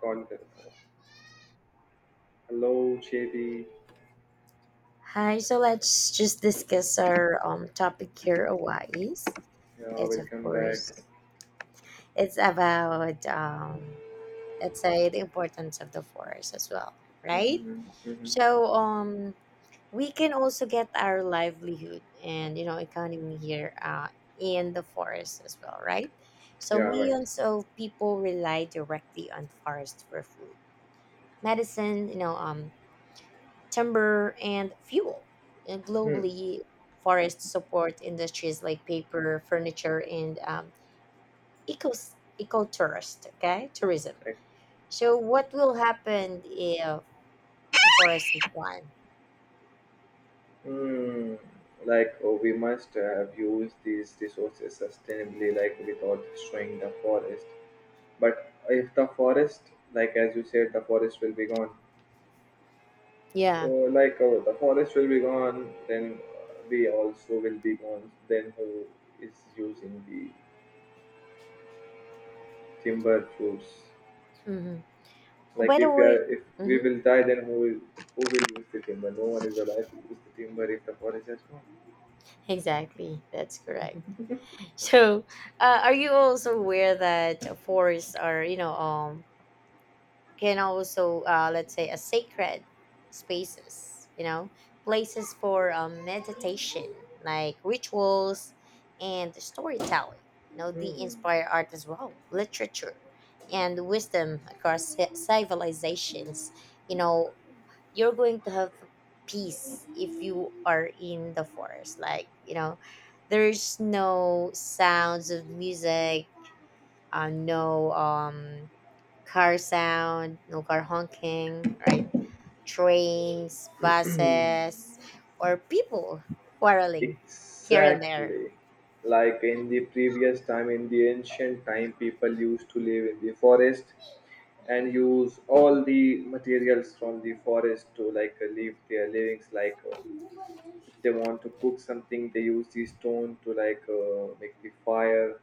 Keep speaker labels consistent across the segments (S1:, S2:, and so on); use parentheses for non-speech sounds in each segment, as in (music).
S1: Call it. Hello, JD.
S2: Hi, so let's just discuss our topic here a is.
S1: Yeah,
S2: It's of
S1: welcome back.
S2: course it's about let's say the importance of the forest as well, right?
S1: hmm hmm
S2: So we can also get our livelihood and economy here in the forest as well, right? So
S1: Yeah, right.
S2: millions of people rely directly on forest for food, medicine, timber and fuel. And
S1: Hmm.
S2: globally, forests support industries like paper, furniture, and eco ecotourist, okay, tourism.
S1: Like,
S2: So what will happen if the forest is gone?
S1: hmm, like, oh, we must have used these resources sustainably, like without destroying the forest. But if the forest, like as you said, the forest will be gone. So,
S2: Yeah.
S1: like, oh, the forest will be gone, then we also will be gone. Then who is using the timber fruits?
S2: Hmm. Oh,
S1: Like
S2: by the
S1: if we are,
S2: way.
S1: if we
S2: Hmm.
S1: will die, then who will use the timber? No one is allowed to use the timber if the forest has gone.
S2: Exactly, that's correct. So, are you also aware that forests are, can also let's say a sacred spaces places for meditation, like rituals and storytelling. You know, they
S1: Hmm.
S2: inspire art as well, literature and wisdom across civilizations. You know, you're going to have peace if you are in the forest, like, you know, there's no sounds of music, no car sound, no car honking, right? Trains, buses, or people quarreling here and there.
S1: Exactly. Like in the previous time, in the ancient time, people used to live in the forest and use all the materials from the forest to like live their livings. Like if they want to cook something, they use the stone to like make the fire.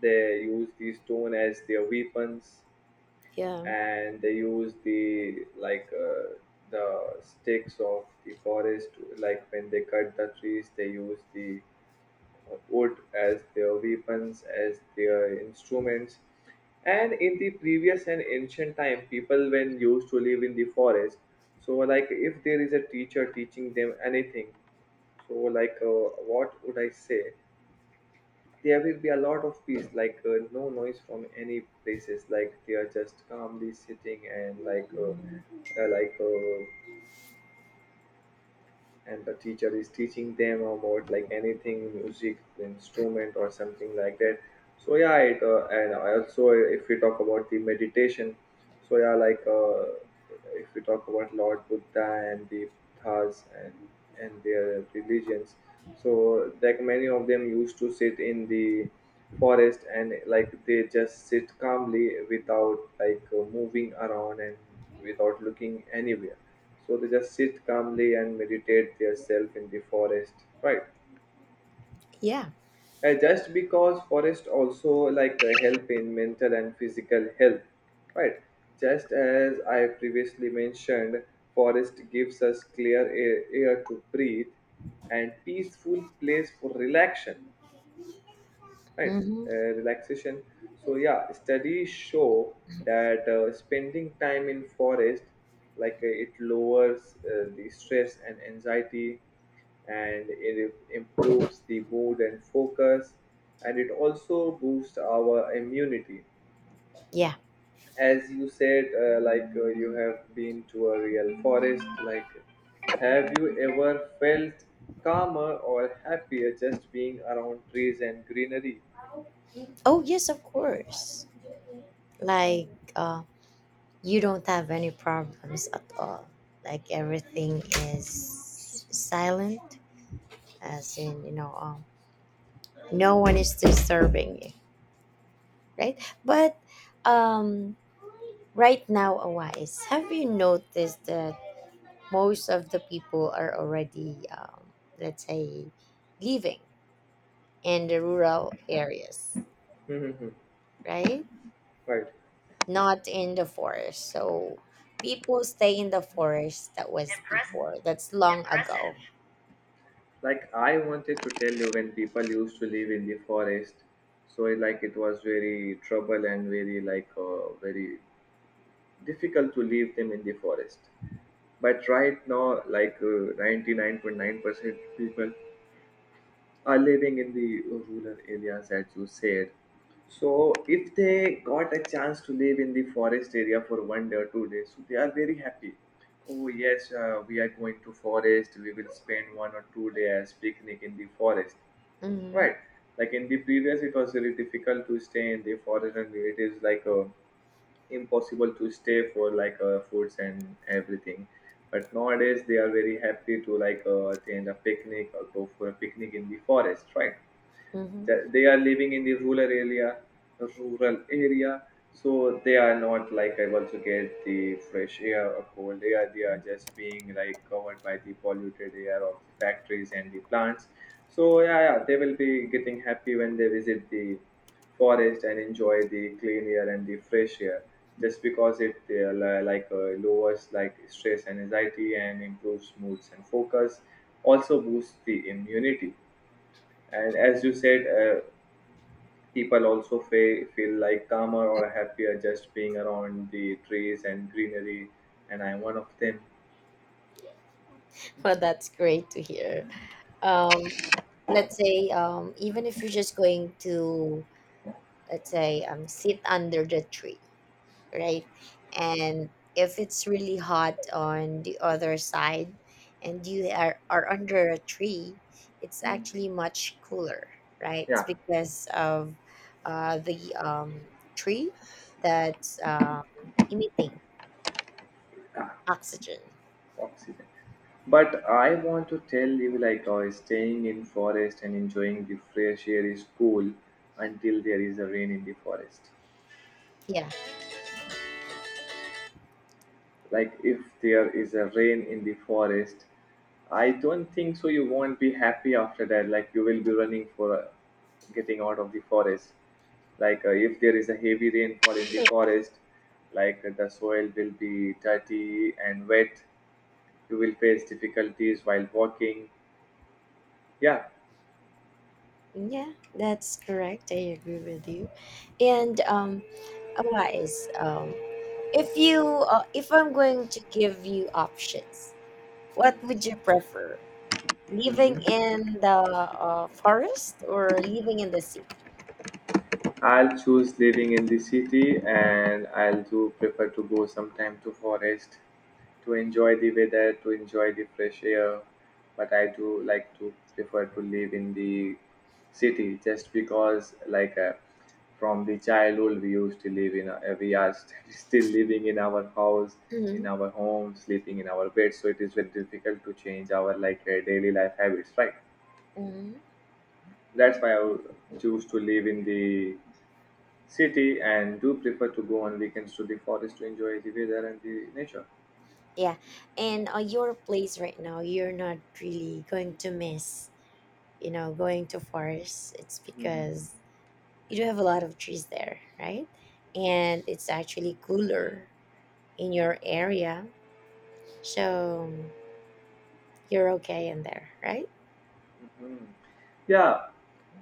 S1: They use the stone as their weapons.
S2: Yeah.
S1: And they use the like the sticks of the forest, like when they cut the trees, they use the wood as their weapons, as their instruments. And in the previous and ancient time, people when used to live in the forest, so like if there is a teacher teaching them anything, so what would I say, there will be a lot of peace, like no noise from any places, like they are just calmly sitting and
S2: Mhm.
S1: and the teacher is teaching them about like anything, music instrument or something like that. So yeah, it and also if we talk about the meditation, so yeah, if we talk about Lord Buddha and the Buddhas and their religions, so like many of them used to sit in the forest and like they just sit calmly without moving around and without looking anywhere, so they just sit calmly and meditate themselves in the forest, right?
S2: Yeah.
S1: Just because forest also like help in mental and physical health, right? Just as I previously mentioned, forest gives us clear air, air to breathe and peaceful place for relaxation, right,
S2: Hmm.
S1: relaxation. So yeah, studies show that spending time in forest, like it lowers the stress and anxiety, and it improves the mood and focus, and it also boosts our immunity.
S2: Yeah.
S1: As you said, you have been to a real forest, like have you ever felt calmer or happier just being around trees and greenery?
S2: Oh, yes, of course. Like, uh, you don't have any problems at all. Like, everything is silent, as in, you know, no one is disturbing you, right? But, um, right now, Awais, have you noticed that most of the people are already, let's say, living in the rural areas,
S1: (laughs)
S2: right?
S1: Right.
S2: Not in the forest. So people stay in the forest. That was before. That's long ago.
S1: Like I wanted to tell you, when people used to live in the forest, so it, like it was very trouble and very very difficult to leave them in the forest. But right now, like ninety nine point % people are living in the rural areas, as you said. So if they got a chance to live in the forest area for one day or two days, so they are very happy. Oh yes, we are going to forest, we will spend one or two days picnic in the forest,
S2: Mm-hmm.
S1: right? Like in the previous, it was really difficult to stay in the forest, and it is like a impossible to stay for foods and everything. But nowadays they are very happy to attend a picnic or go for a picnic in the forest, right?
S2: Mm-hmm.
S1: That they are living in the rural area, rural area, so they are not like able to get the fresh air or cold air. They are just being like covered by the polluted air of the factories and the plants. So yeah they will be getting happy when they visit the forest and enjoy the clean air and the fresh air, just because it lowers like stress and anxiety and improves moods and focus, also boosts the immunity. And as you said, people also feel like calmer or happier just being around the trees and greenery, and I'm one of them.
S2: Well, that's great to hear. Um, let's say, even if you're just going to, let's say, sit under the tree, right? And if it's really hot on the other side and you are under a tree, it's
S1: Mm,
S2: actually much cooler, right? It's
S1: yeah,
S2: because of the tree that's emitting
S1: ah,
S2: oxygen.
S1: oxygen. But I want to tell you, like, staying in forest and enjoying the fresh air is cool until there is a rain in the forest.
S2: Yeah,
S1: Like if there is a rain in the forest, I don't think so you won't be happy after that. Like you will be running for getting out of the forest. Like if there is a heavy rainfall in the forest, like the soil will be dirty and wet. You will face difficulties while walking. Yeah.
S2: yeah, that's correct. I agree with you. And otherwise, if I'm going to give you options, what would you prefer? Living
S1: Mhm.
S2: in the forest or living in the city?
S1: I'll choose living in the city, and I'll do prefer to go sometime to forest to enjoy the weather, to enjoy the fresh air. But I do like to prefer to live in the city just because from the childhood we used to live in a, we are (laughs) still living in our house, in
S2: Hmm.
S1: our home, sleeping in our bed. So it is very difficult to change our daily life habits, right?
S2: Hmm.
S1: That's why I would choose to live in the city and do prefer to go on weekends to the forest to enjoy the weather and the nature.
S2: Yeah. And your place right now, you're not really going to miss, you know, going to forest. It's
S1: Mhm.
S2: because you do have a lot of trees there, right? And it's actually cooler in your area. So you're okay in there, right?
S1: Yeah,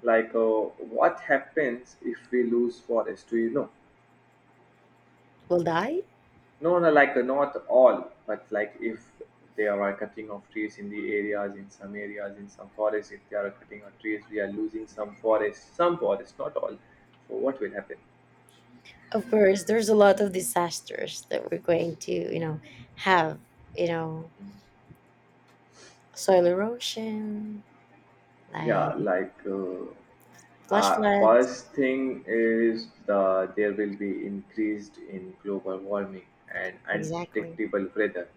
S1: like uh, what happens if we lose forest? Do you know?
S2: Will die?
S1: No, no, not all, but like if they are cutting off trees in the areas, in some forests, if they are cutting off trees, we are losing some forest, not all. So what will happen?
S2: Of course, there's a lot of disasters that we're going to, have, you know, soil erosion,
S1: Yeah,
S2: like flash floods.
S1: first thing is the there will be increased in global warming and
S2: Exactly.
S1: unpredictable weather.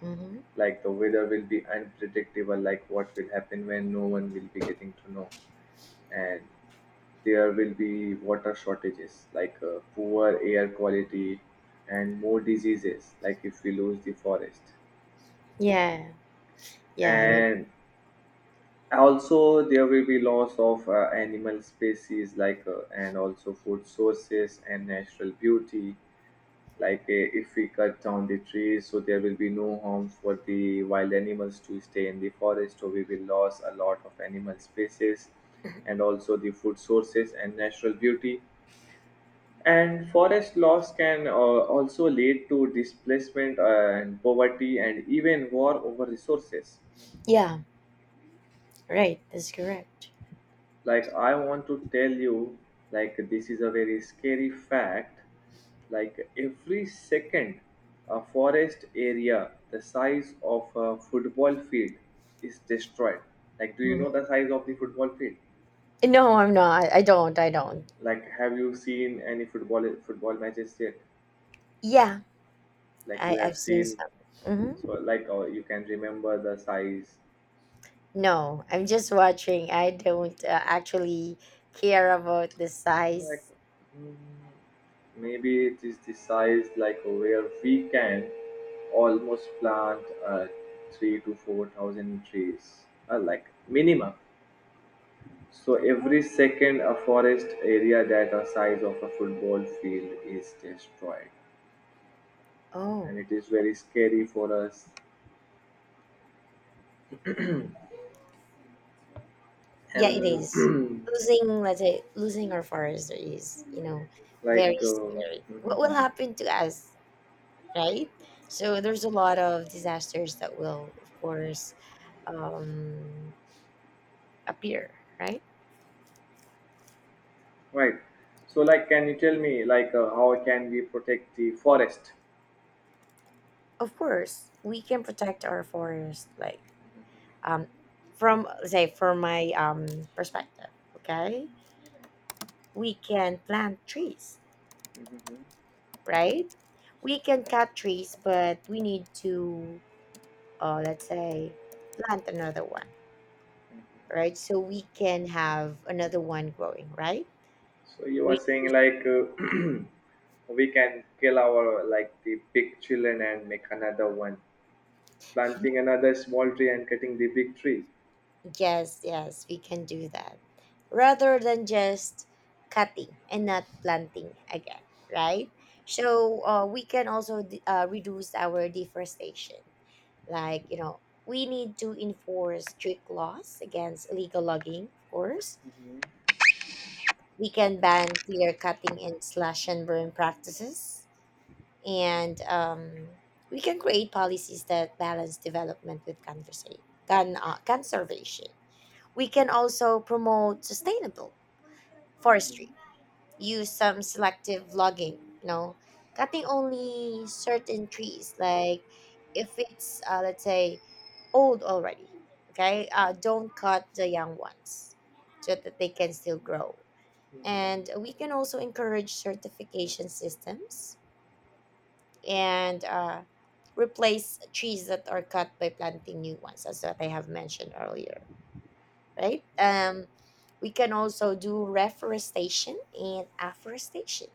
S2: Hmm.
S1: Like the weather will be unpredictable, like what will happen when no one will be getting to know, and there will be water shortages, like poor air quality, and more diseases, like if we lose the forest,
S2: Yeah, yeah,
S1: and also, there will be loss of animal species, like and also food sources and natural beauty. Like if we cut down the trees, so there will be no harm for the wild animals to stay in the forest. So we will lose a lot of animal species,
S2: (laughs)
S1: and also the food sources and natural beauty. And forest loss can also lead to displacement and poverty and even war over resources.
S2: yeah. Right, that's correct.
S1: Like I want to tell you, like this is a very scary fact. Like every second, a forest area the size of a football field is destroyed. Like, do you know the
S2: Hmm.
S1: size of the football field?
S2: No, I'm not. I don't. I don't.
S1: Like have you seen any football matches yet?
S2: Yeah,
S1: Like you
S2: I
S1: have
S2: I've seen
S1: seen.
S2: some. Hmm.
S1: So you can remember the size.
S2: No, I'm just watching. I don't actually care about the
S1: Like,
S2: size.
S1: mm, maybe it is the size like where we can almost plant 3 to 4,000 trees, like minimum. So
S2: Oh,
S1: every second, a forest area that a size of a football field is destroyed, and
S2: oh,
S1: it is very scary for us.
S2: yeah, it
S1: And
S2: is
S1: (clears throat)
S2: losing. Let's say losing our forest is,
S1: like,
S2: very scary. What will happen to us? Right? So there's a lot of disasters that will, of course, um, appear, right?
S1: (laughs) right. So, like, can you tell me, like, how can we protect the forest?
S2: Of course, we can protect our forest, like, um, from say from my perspective. Okay, we can plant trees,
S1: (laughs)
S2: right? We can cut trees, but we need to, let's say, plant another one, right? So we can have another one growing, right?
S1: So you are saying
S2: Reduce.
S1: like, (clears throat) we can kill our like the big children and make another one, planting another small tree and cutting the big tree.
S2: Yes, yes, we can do that. Rather than just cutting and not planting again, right? So we can also reduce our deforestation. Like, we need to enforce strict laws against illegal logging, of course. We can ban clear cutting and slash and burn practices. And we can create policies that balance development with conservation. We can also promote sustainable forestry, use some selective logging, cutting only certain trees, like if it's, let's say, old already, okay? Don't cut the young ones so that they can still grow. And we can also encourage certification systems and replace trees that are cut by planting new ones, as what I have mentioned earlier, right? We can also do reforestation and afforestation.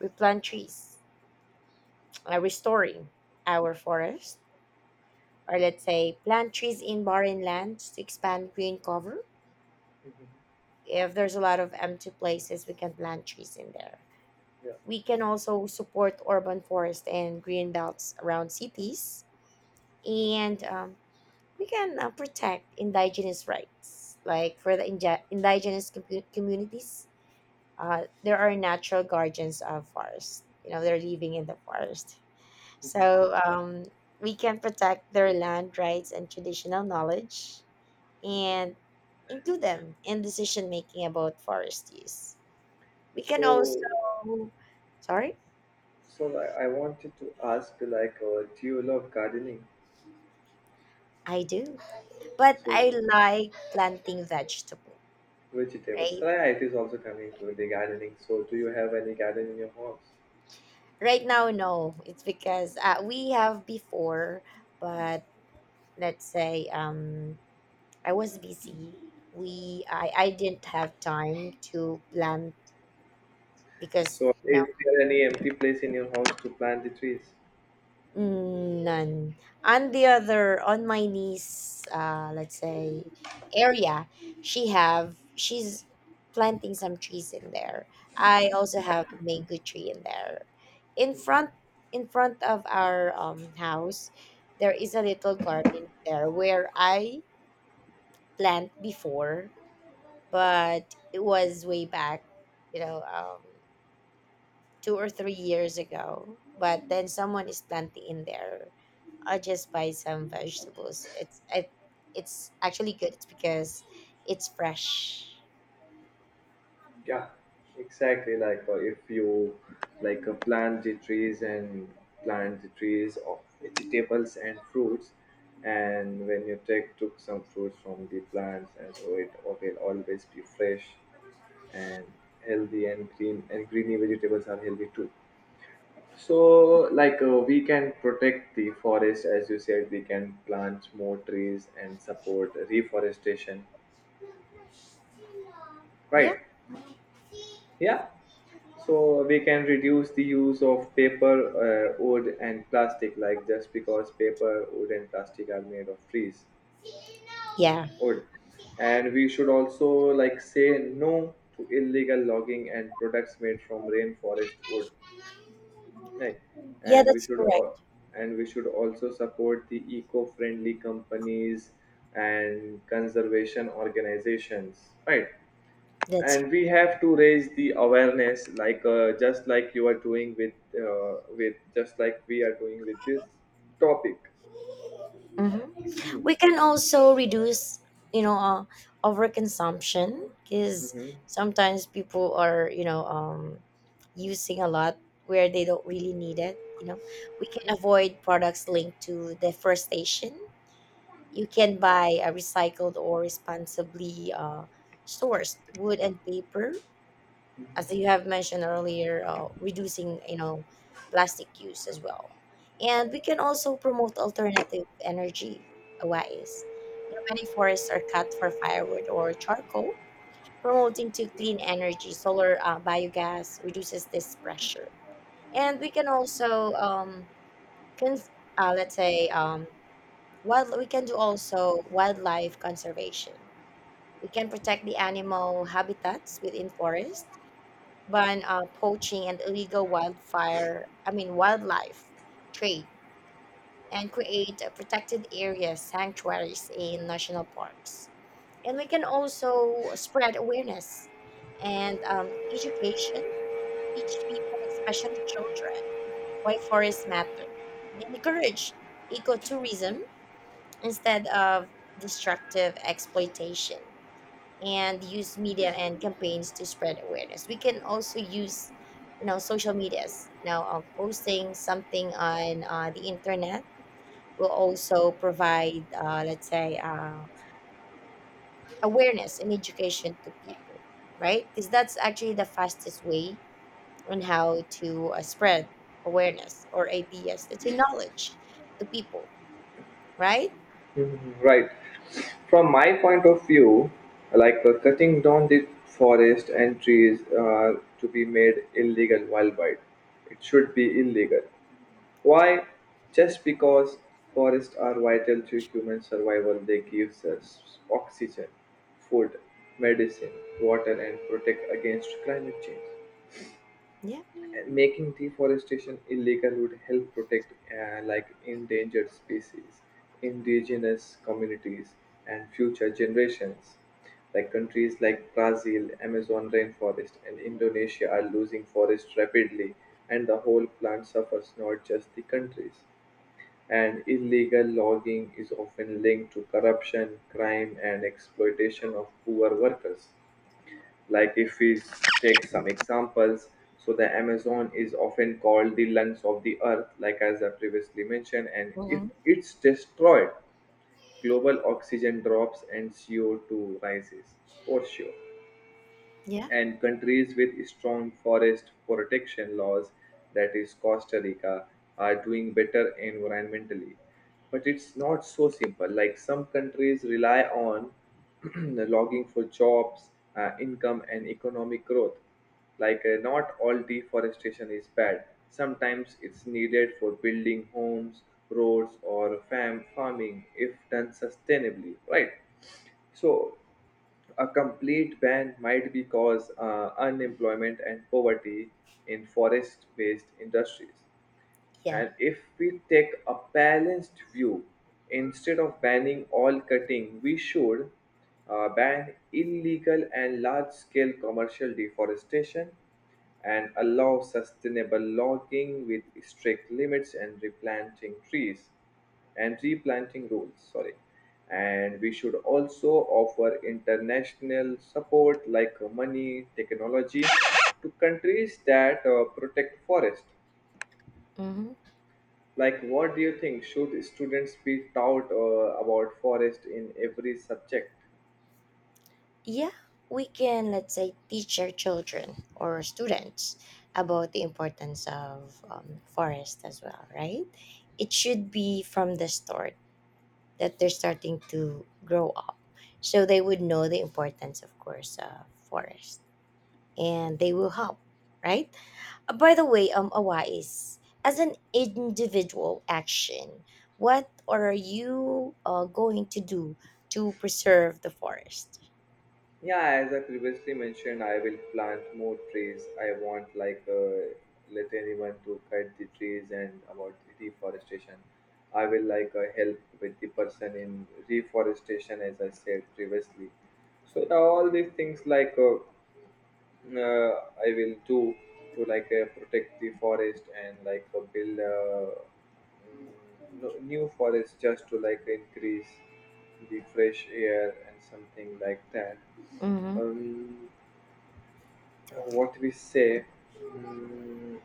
S2: We plant trees, restoring our forest, or let's say plant trees in barren lands to expand green cover.
S1: Mhm.
S2: If there's a lot of empty places, we can plant trees in there.
S1: Yeah.
S2: We can also support urban forest and green belts around cities, and we can protect indigenous rights, like for the indigenous communities. There are natural guardians of forest. You know, they're living in the forest.
S1: Mhm.
S2: So we can protect their land rights and traditional knowledge and include them in decision making about forest use. We can also,
S1: So
S2: sorry,
S1: like, I wanted to ask, like, do you love gardening?
S2: I do, but I
S1: So
S2: like planting vegetable,
S1: vegetables.
S2: right?
S1: So yeah, it is also coming to the gardening. So do you have any garden in your house?
S2: Right now, no, it's because we have before, but let's say I was busy. I didn't have time to plan because
S1: So is there any empty place in your house to plant the trees?
S2: none. On my niece, let's say area, she's planting some trees in there. I also have mango tree in there. In front in front of our house, there is a little garden there where I plant before, but it was way back, you know, um, 2 or 3 years ago. But then someone is planting in there. I just buy some vegetables. It's actually good. It's because it's fresh.
S1: Yeah, exactly. Like if you like plant the trees and plant the trees of vegetables and fruits, and when you take took some fruits from the plants, and so it will always be fresh and healthy and green. And greeny vegetables are healthy too. So like, we can protect the forest, as you said, we can plant more trees and support reforestation,
S2: Yeah.
S1: right? Yeah. So we can reduce the use of paper, wood, and plastic, like just because paper, wood, and plastic are made of trees,
S2: Yeah,
S1: wood. And we should also like say no to illegal logging and products made from rainforest wood, right?
S2: yeah,
S1: And we
S2: that's
S1: should al-
S2: correct.
S1: and we should also support the eco-friendly companies and conservation organizations, right?
S2: That's
S1: And we have to raise the awareness, like just like you are doing with just like we are doing with this topic.
S2: Mhm.
S1: Mhm.
S2: We can also reduce, you know uh, overconsumption, because
S1: Mhm.
S2: sometimes people are, using a lot where they don't really need it. We can avoid products linked to deforestation. You can buy a recycled or responsibly sourced wood and paper, as you have mentioned earlier, reducing plastic use as well, and we can also promote alternative energy ways. Many forests are cut for firewood or charcoal, promoting to clean energy. Solar biogas reduces this pressure, and we can also can let's say we can do also wildlife conservation. We can protect the animal habitats within forests, ban poaching and illegal wildfire, I mean wildlife trade, and create a protected areas, sanctuaries in national parks. And we can also spread awareness and education, teach people, especially children, why forests matter, and encourage ecotourism instead of destructive exploitation, and use media and campaigns to spread awareness. We can also use, social medias. Posting something on the internet will also provide, let's say, awareness and education to people, right? Because that's actually the fastest way on how to spread awareness or ideas, let's say, knowledge to people, right?
S1: Mhm. Right, from my point of view, like, cutting down the forest and trees to be made illegal worldwide, it should be illegal. Why? Just because forests are vital to human survival. They give us oxygen, food, medicine, water, and protect against climate change.
S2: Yeah.
S1: And making deforestation illegal would help protect like endangered species, indigenous communities, and future generations. Like countries like Brazil, Amazon rainforest, and Indonesia are losing forests rapidly, and the whole plant suffers, not just the countries. And illegal logging is often linked to corruption, crime, and exploitation of poor workers. Like, if we take some examples, so the Amazon is often called the lungs of the earth, like as I previously mentioned, and if
S2: Hmm.
S1: it's destroyed, global oxygen drops and CO2 rises for sure.
S2: Yeah.
S1: And countries with strong forest protection laws, that is Costa Rica, are doing better environmentally. But it's not so simple. Like some countries rely on (clears throat) logging for jobs, income, and economic growth. Like, not all deforestation is bad. Sometimes it's needed for building homes, roads, or farming if done sustainably, right? So, a complete ban might be cause unemployment and poverty in forest based industries.
S2: Yeah.
S1: And if we take a balanced view, instead of banning all cutting, we should ban illegal and large scale commercial deforestation and allow sustainable logging with strict limits and replanting trees and replanting rules sorry and we should also offer international support like money technology to countries that protect forest
S2: Hmm.
S1: like, what do you think? Should students be taught about forest in every subject?
S2: Yeah, we can, let's say, teach our children or students about the importance of forest as well, right? It should be from the start that they're starting to grow up. So they would know the importance, of course, of forest and they will help, right? By the way, Awais, as an individual action, what are you going to do to preserve the forest?
S1: Yeah, as I previously mentioned, I will plant more trees. I want like, let anyone to cut the trees and about the deforestation. I will like help with the person in reforestation, as I said previously. So all these things like. Uh, I will do to like, protect the forest and like, build no, new forest just to like increase the fresh air and something like that.
S2: Mm-hmm.
S1: Um, what we say, mm,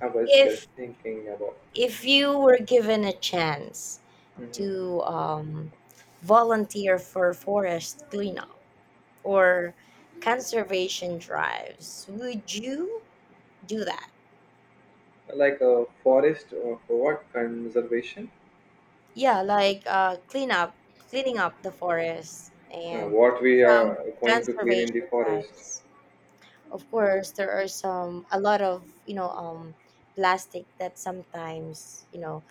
S1: I was just
S2: If
S1: thinking about
S2: if you were given a chance
S1: mhm.
S2: to volunteer for forest cleanup or conservation drives, would you do that?
S1: Like a forest or for what conservation?
S2: Yeah, like, cleaning up the forest and
S1: What we
S2: some
S1: are going to clean in the
S2: conservation
S1: forest?
S2: drives. Of course, there are some a lot of, plastic that sometimes,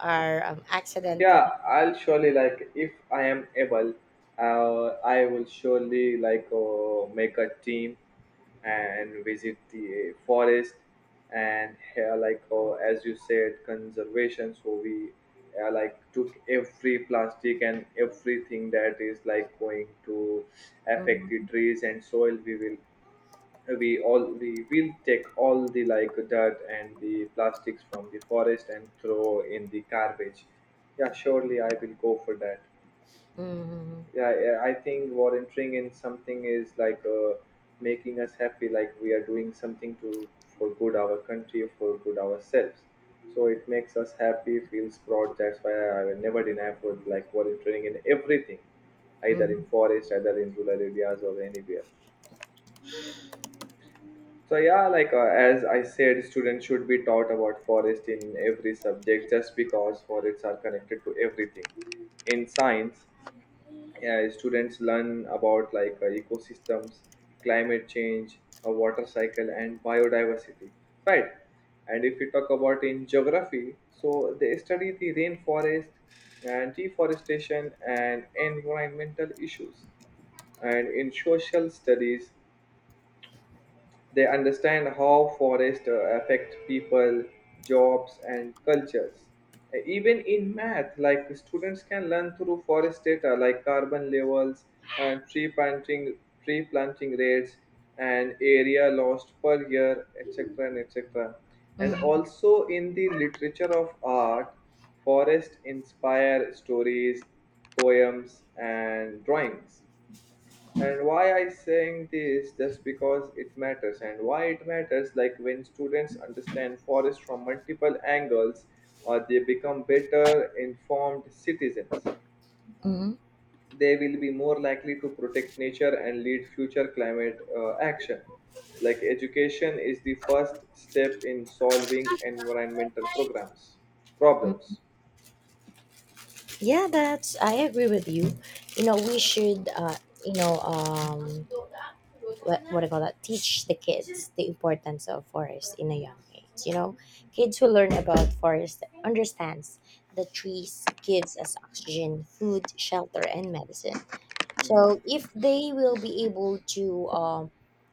S2: are, accidentally.
S1: Yeah, I'll surely like if I am able, I will surely like make a team and visit the forest and as you said conservation. So we like took every plastic and everything that is like going to affect the
S2: Mhm.
S1: trees and soil. We will we will take all the like dirt and the plastics from the forest and throw in the garbage. Yeah, surely I will go for that.
S2: Mhm.
S1: Yeah, I think volunteering in something is like, making us happy like we are doing something to for good our country for good ourselves, so it makes us happy feels proud. That's why I will never deny for like volunteering in everything, either in
S2: Mhm.
S1: forest either in rural areas or anywhere. So yeah, like, as I said, students should be taught about forest in every subject just because forests are connected to everything. In science, yeah, students learn about like, ecosystems, climate change, a water cycle, and biodiversity. Right. And if we talk about in geography, so they study the rainforest and deforestation and environmental issues, and in social studies they understand how forests affect people, jobs, and cultures. Even in math, like students can learn through forest data like carbon levels and tree planting rates and area lost per year, etc. and etc. And
S2: Mhm.
S1: also in the literature of art, forests inspire stories, poems, and drawings. And why I saying this just because it matters, and why it matters like when students understand forest from multiple angles or they become better informed citizens,
S2: Mhm.
S1: they will be more likely to protect nature and lead future climate action. Like education is the first step in solving environmental programs problems.
S2: Yeah, that's I agree with you. We should you know um what do you call that? Teach the kids the importance of forest in a young age. Kids who learn about forest understands the trees gives us oxygen, food, shelter, and medicine. So if they will be able to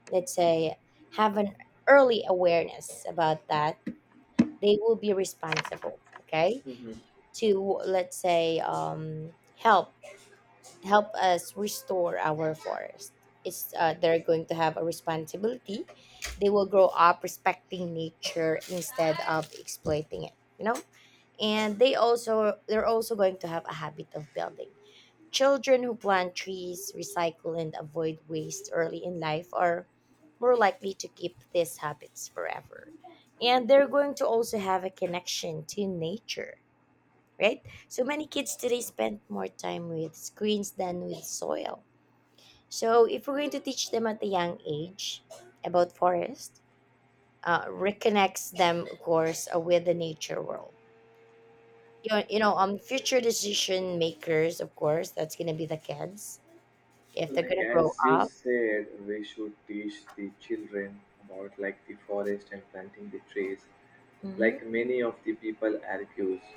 S2: let's say have an early awareness about that, they will be responsible. Okay,
S1: Mhm.
S2: to let's say help help us restore our forest. It's they're going to have a responsibility. They will grow up respecting nature instead of exploiting it. You know, and they're also going to have a habit of building. Children who plant trees, recycle, and avoid waste early in life are more likely to keep these habits forever. And they're going to also have a connection to nature, right? So many kids today spend more time with screens than with soil. So if we're going to teach them at a young age about forest, reconnects them, of course, with the nature world. Future decision makers, of course, that's gonna be the kids if they're
S1: Like
S2: gonna
S1: as
S2: grow
S1: you
S2: up.
S1: said we should teach the children about like the forest and planting the trees,
S2: Mm-hmm,
S1: like many of the people argues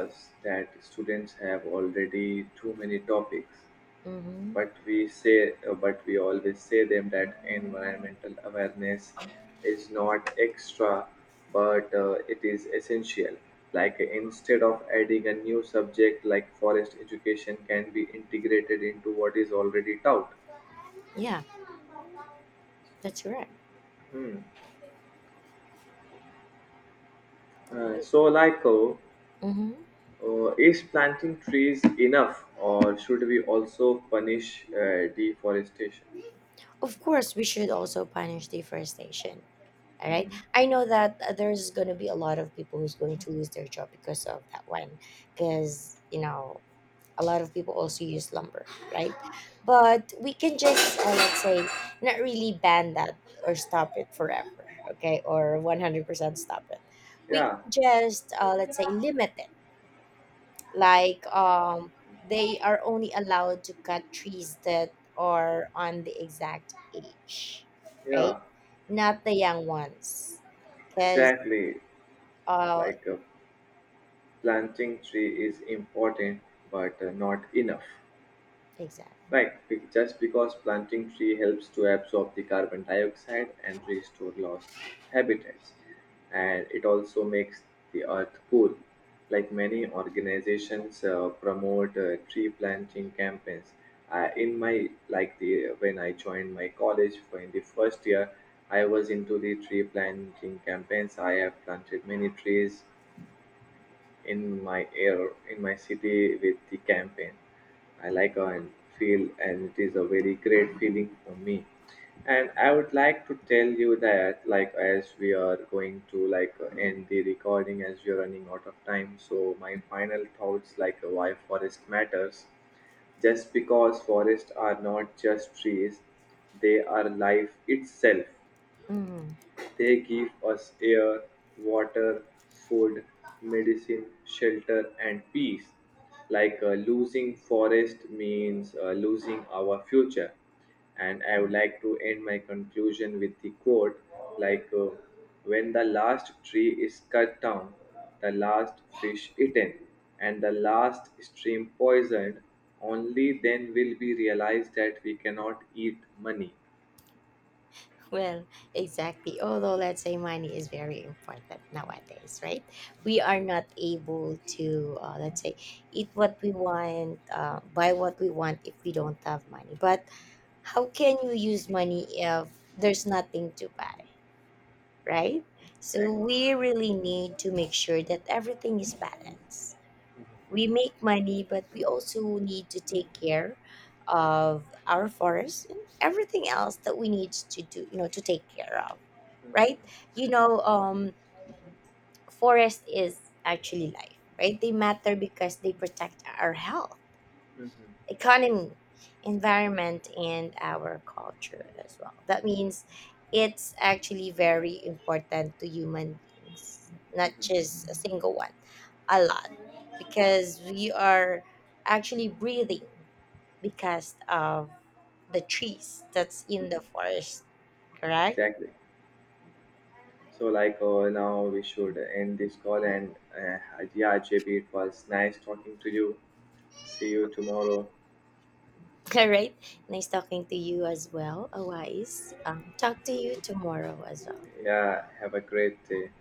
S1: us that students have already too many topics,
S2: mm-hmm.
S1: but we say but we always say them that environmental awareness is not extra but it is essential. Like instead of adding a new subject like forest education can be integrated into what is already taught.
S2: Yeah, that's correct.
S1: Hmm. Uh, so like uh,
S2: Mm-hmm.
S1: uh, is planting trees enough or should we also punish deforestation?
S2: Of course, we should also punish deforestation. All right.
S1: Mhm.
S2: I know that there's going to be a lot of people who's going to lose their job because of that one. Because, a lot of people also use lumber, right? (sighs) But we can just, let's say, not really ban that or stop it forever, okay? Or 100% stop it. We
S1: yeah
S2: can just, let's say, limit it, like they are only allowed to cut trees that are on the exact age, right,
S1: yeah
S2: not the young ones, because
S1: exactly
S2: uh
S1: like uh, planting tree is important but not enough,
S2: exactly.
S1: right? Just because planting tree helps to absorb the carbon dioxide and restore lost habitats, and it also makes the earth cool. Like many organizations promote tree planting campaigns. In my like the When I joined my college for in the first year I was into the tree planting campaigns, I have planted many trees in my air in my city with the campaign. I like and feel and it is a very great feeling for me. And I would like to tell you that like as we are going to like end the recording as we are running out of time. So my final thoughts like why forest matters just because forests are not just trees, they are life itself.
S2: Mhm.
S1: They give us air, water, food, medicine, shelter, and peace. Losing forest means losing our future. And I would like to end my conclusion with the quote like, uh, when the last tree is cut down, the last fish eaten, and the last stream poisoned, only then will we realize that we cannot eat money.
S2: Well, exactly. Although let's say money is very important nowadays, right? We are not able to, let's say, eat what we want, buy what we want if we don't have money. But how can you use money if there's nothing to buy, right? So
S1: Exactly.
S2: we really need to make sure that everything is balanced. We make money, but we also need to take care of our forests and everything else that we need to do, to take care of, right? You know, um, forest is actually life, right? They matter because they protect our health,
S1: Mhm.
S2: economy, environment, and our culture as well. That means it's actually very important to human beings, not just a single one, a lot, because we are actually breathing because of the trees that's in the forest, correct?
S1: Exactly. So, now we should end this call. And yeah, JP, it was nice talking to you. See you tomorrow.
S2: (laughs) All right. Nice talking to you as well, Awais. Talk to you tomorrow as well.
S1: Yeah, have a great day.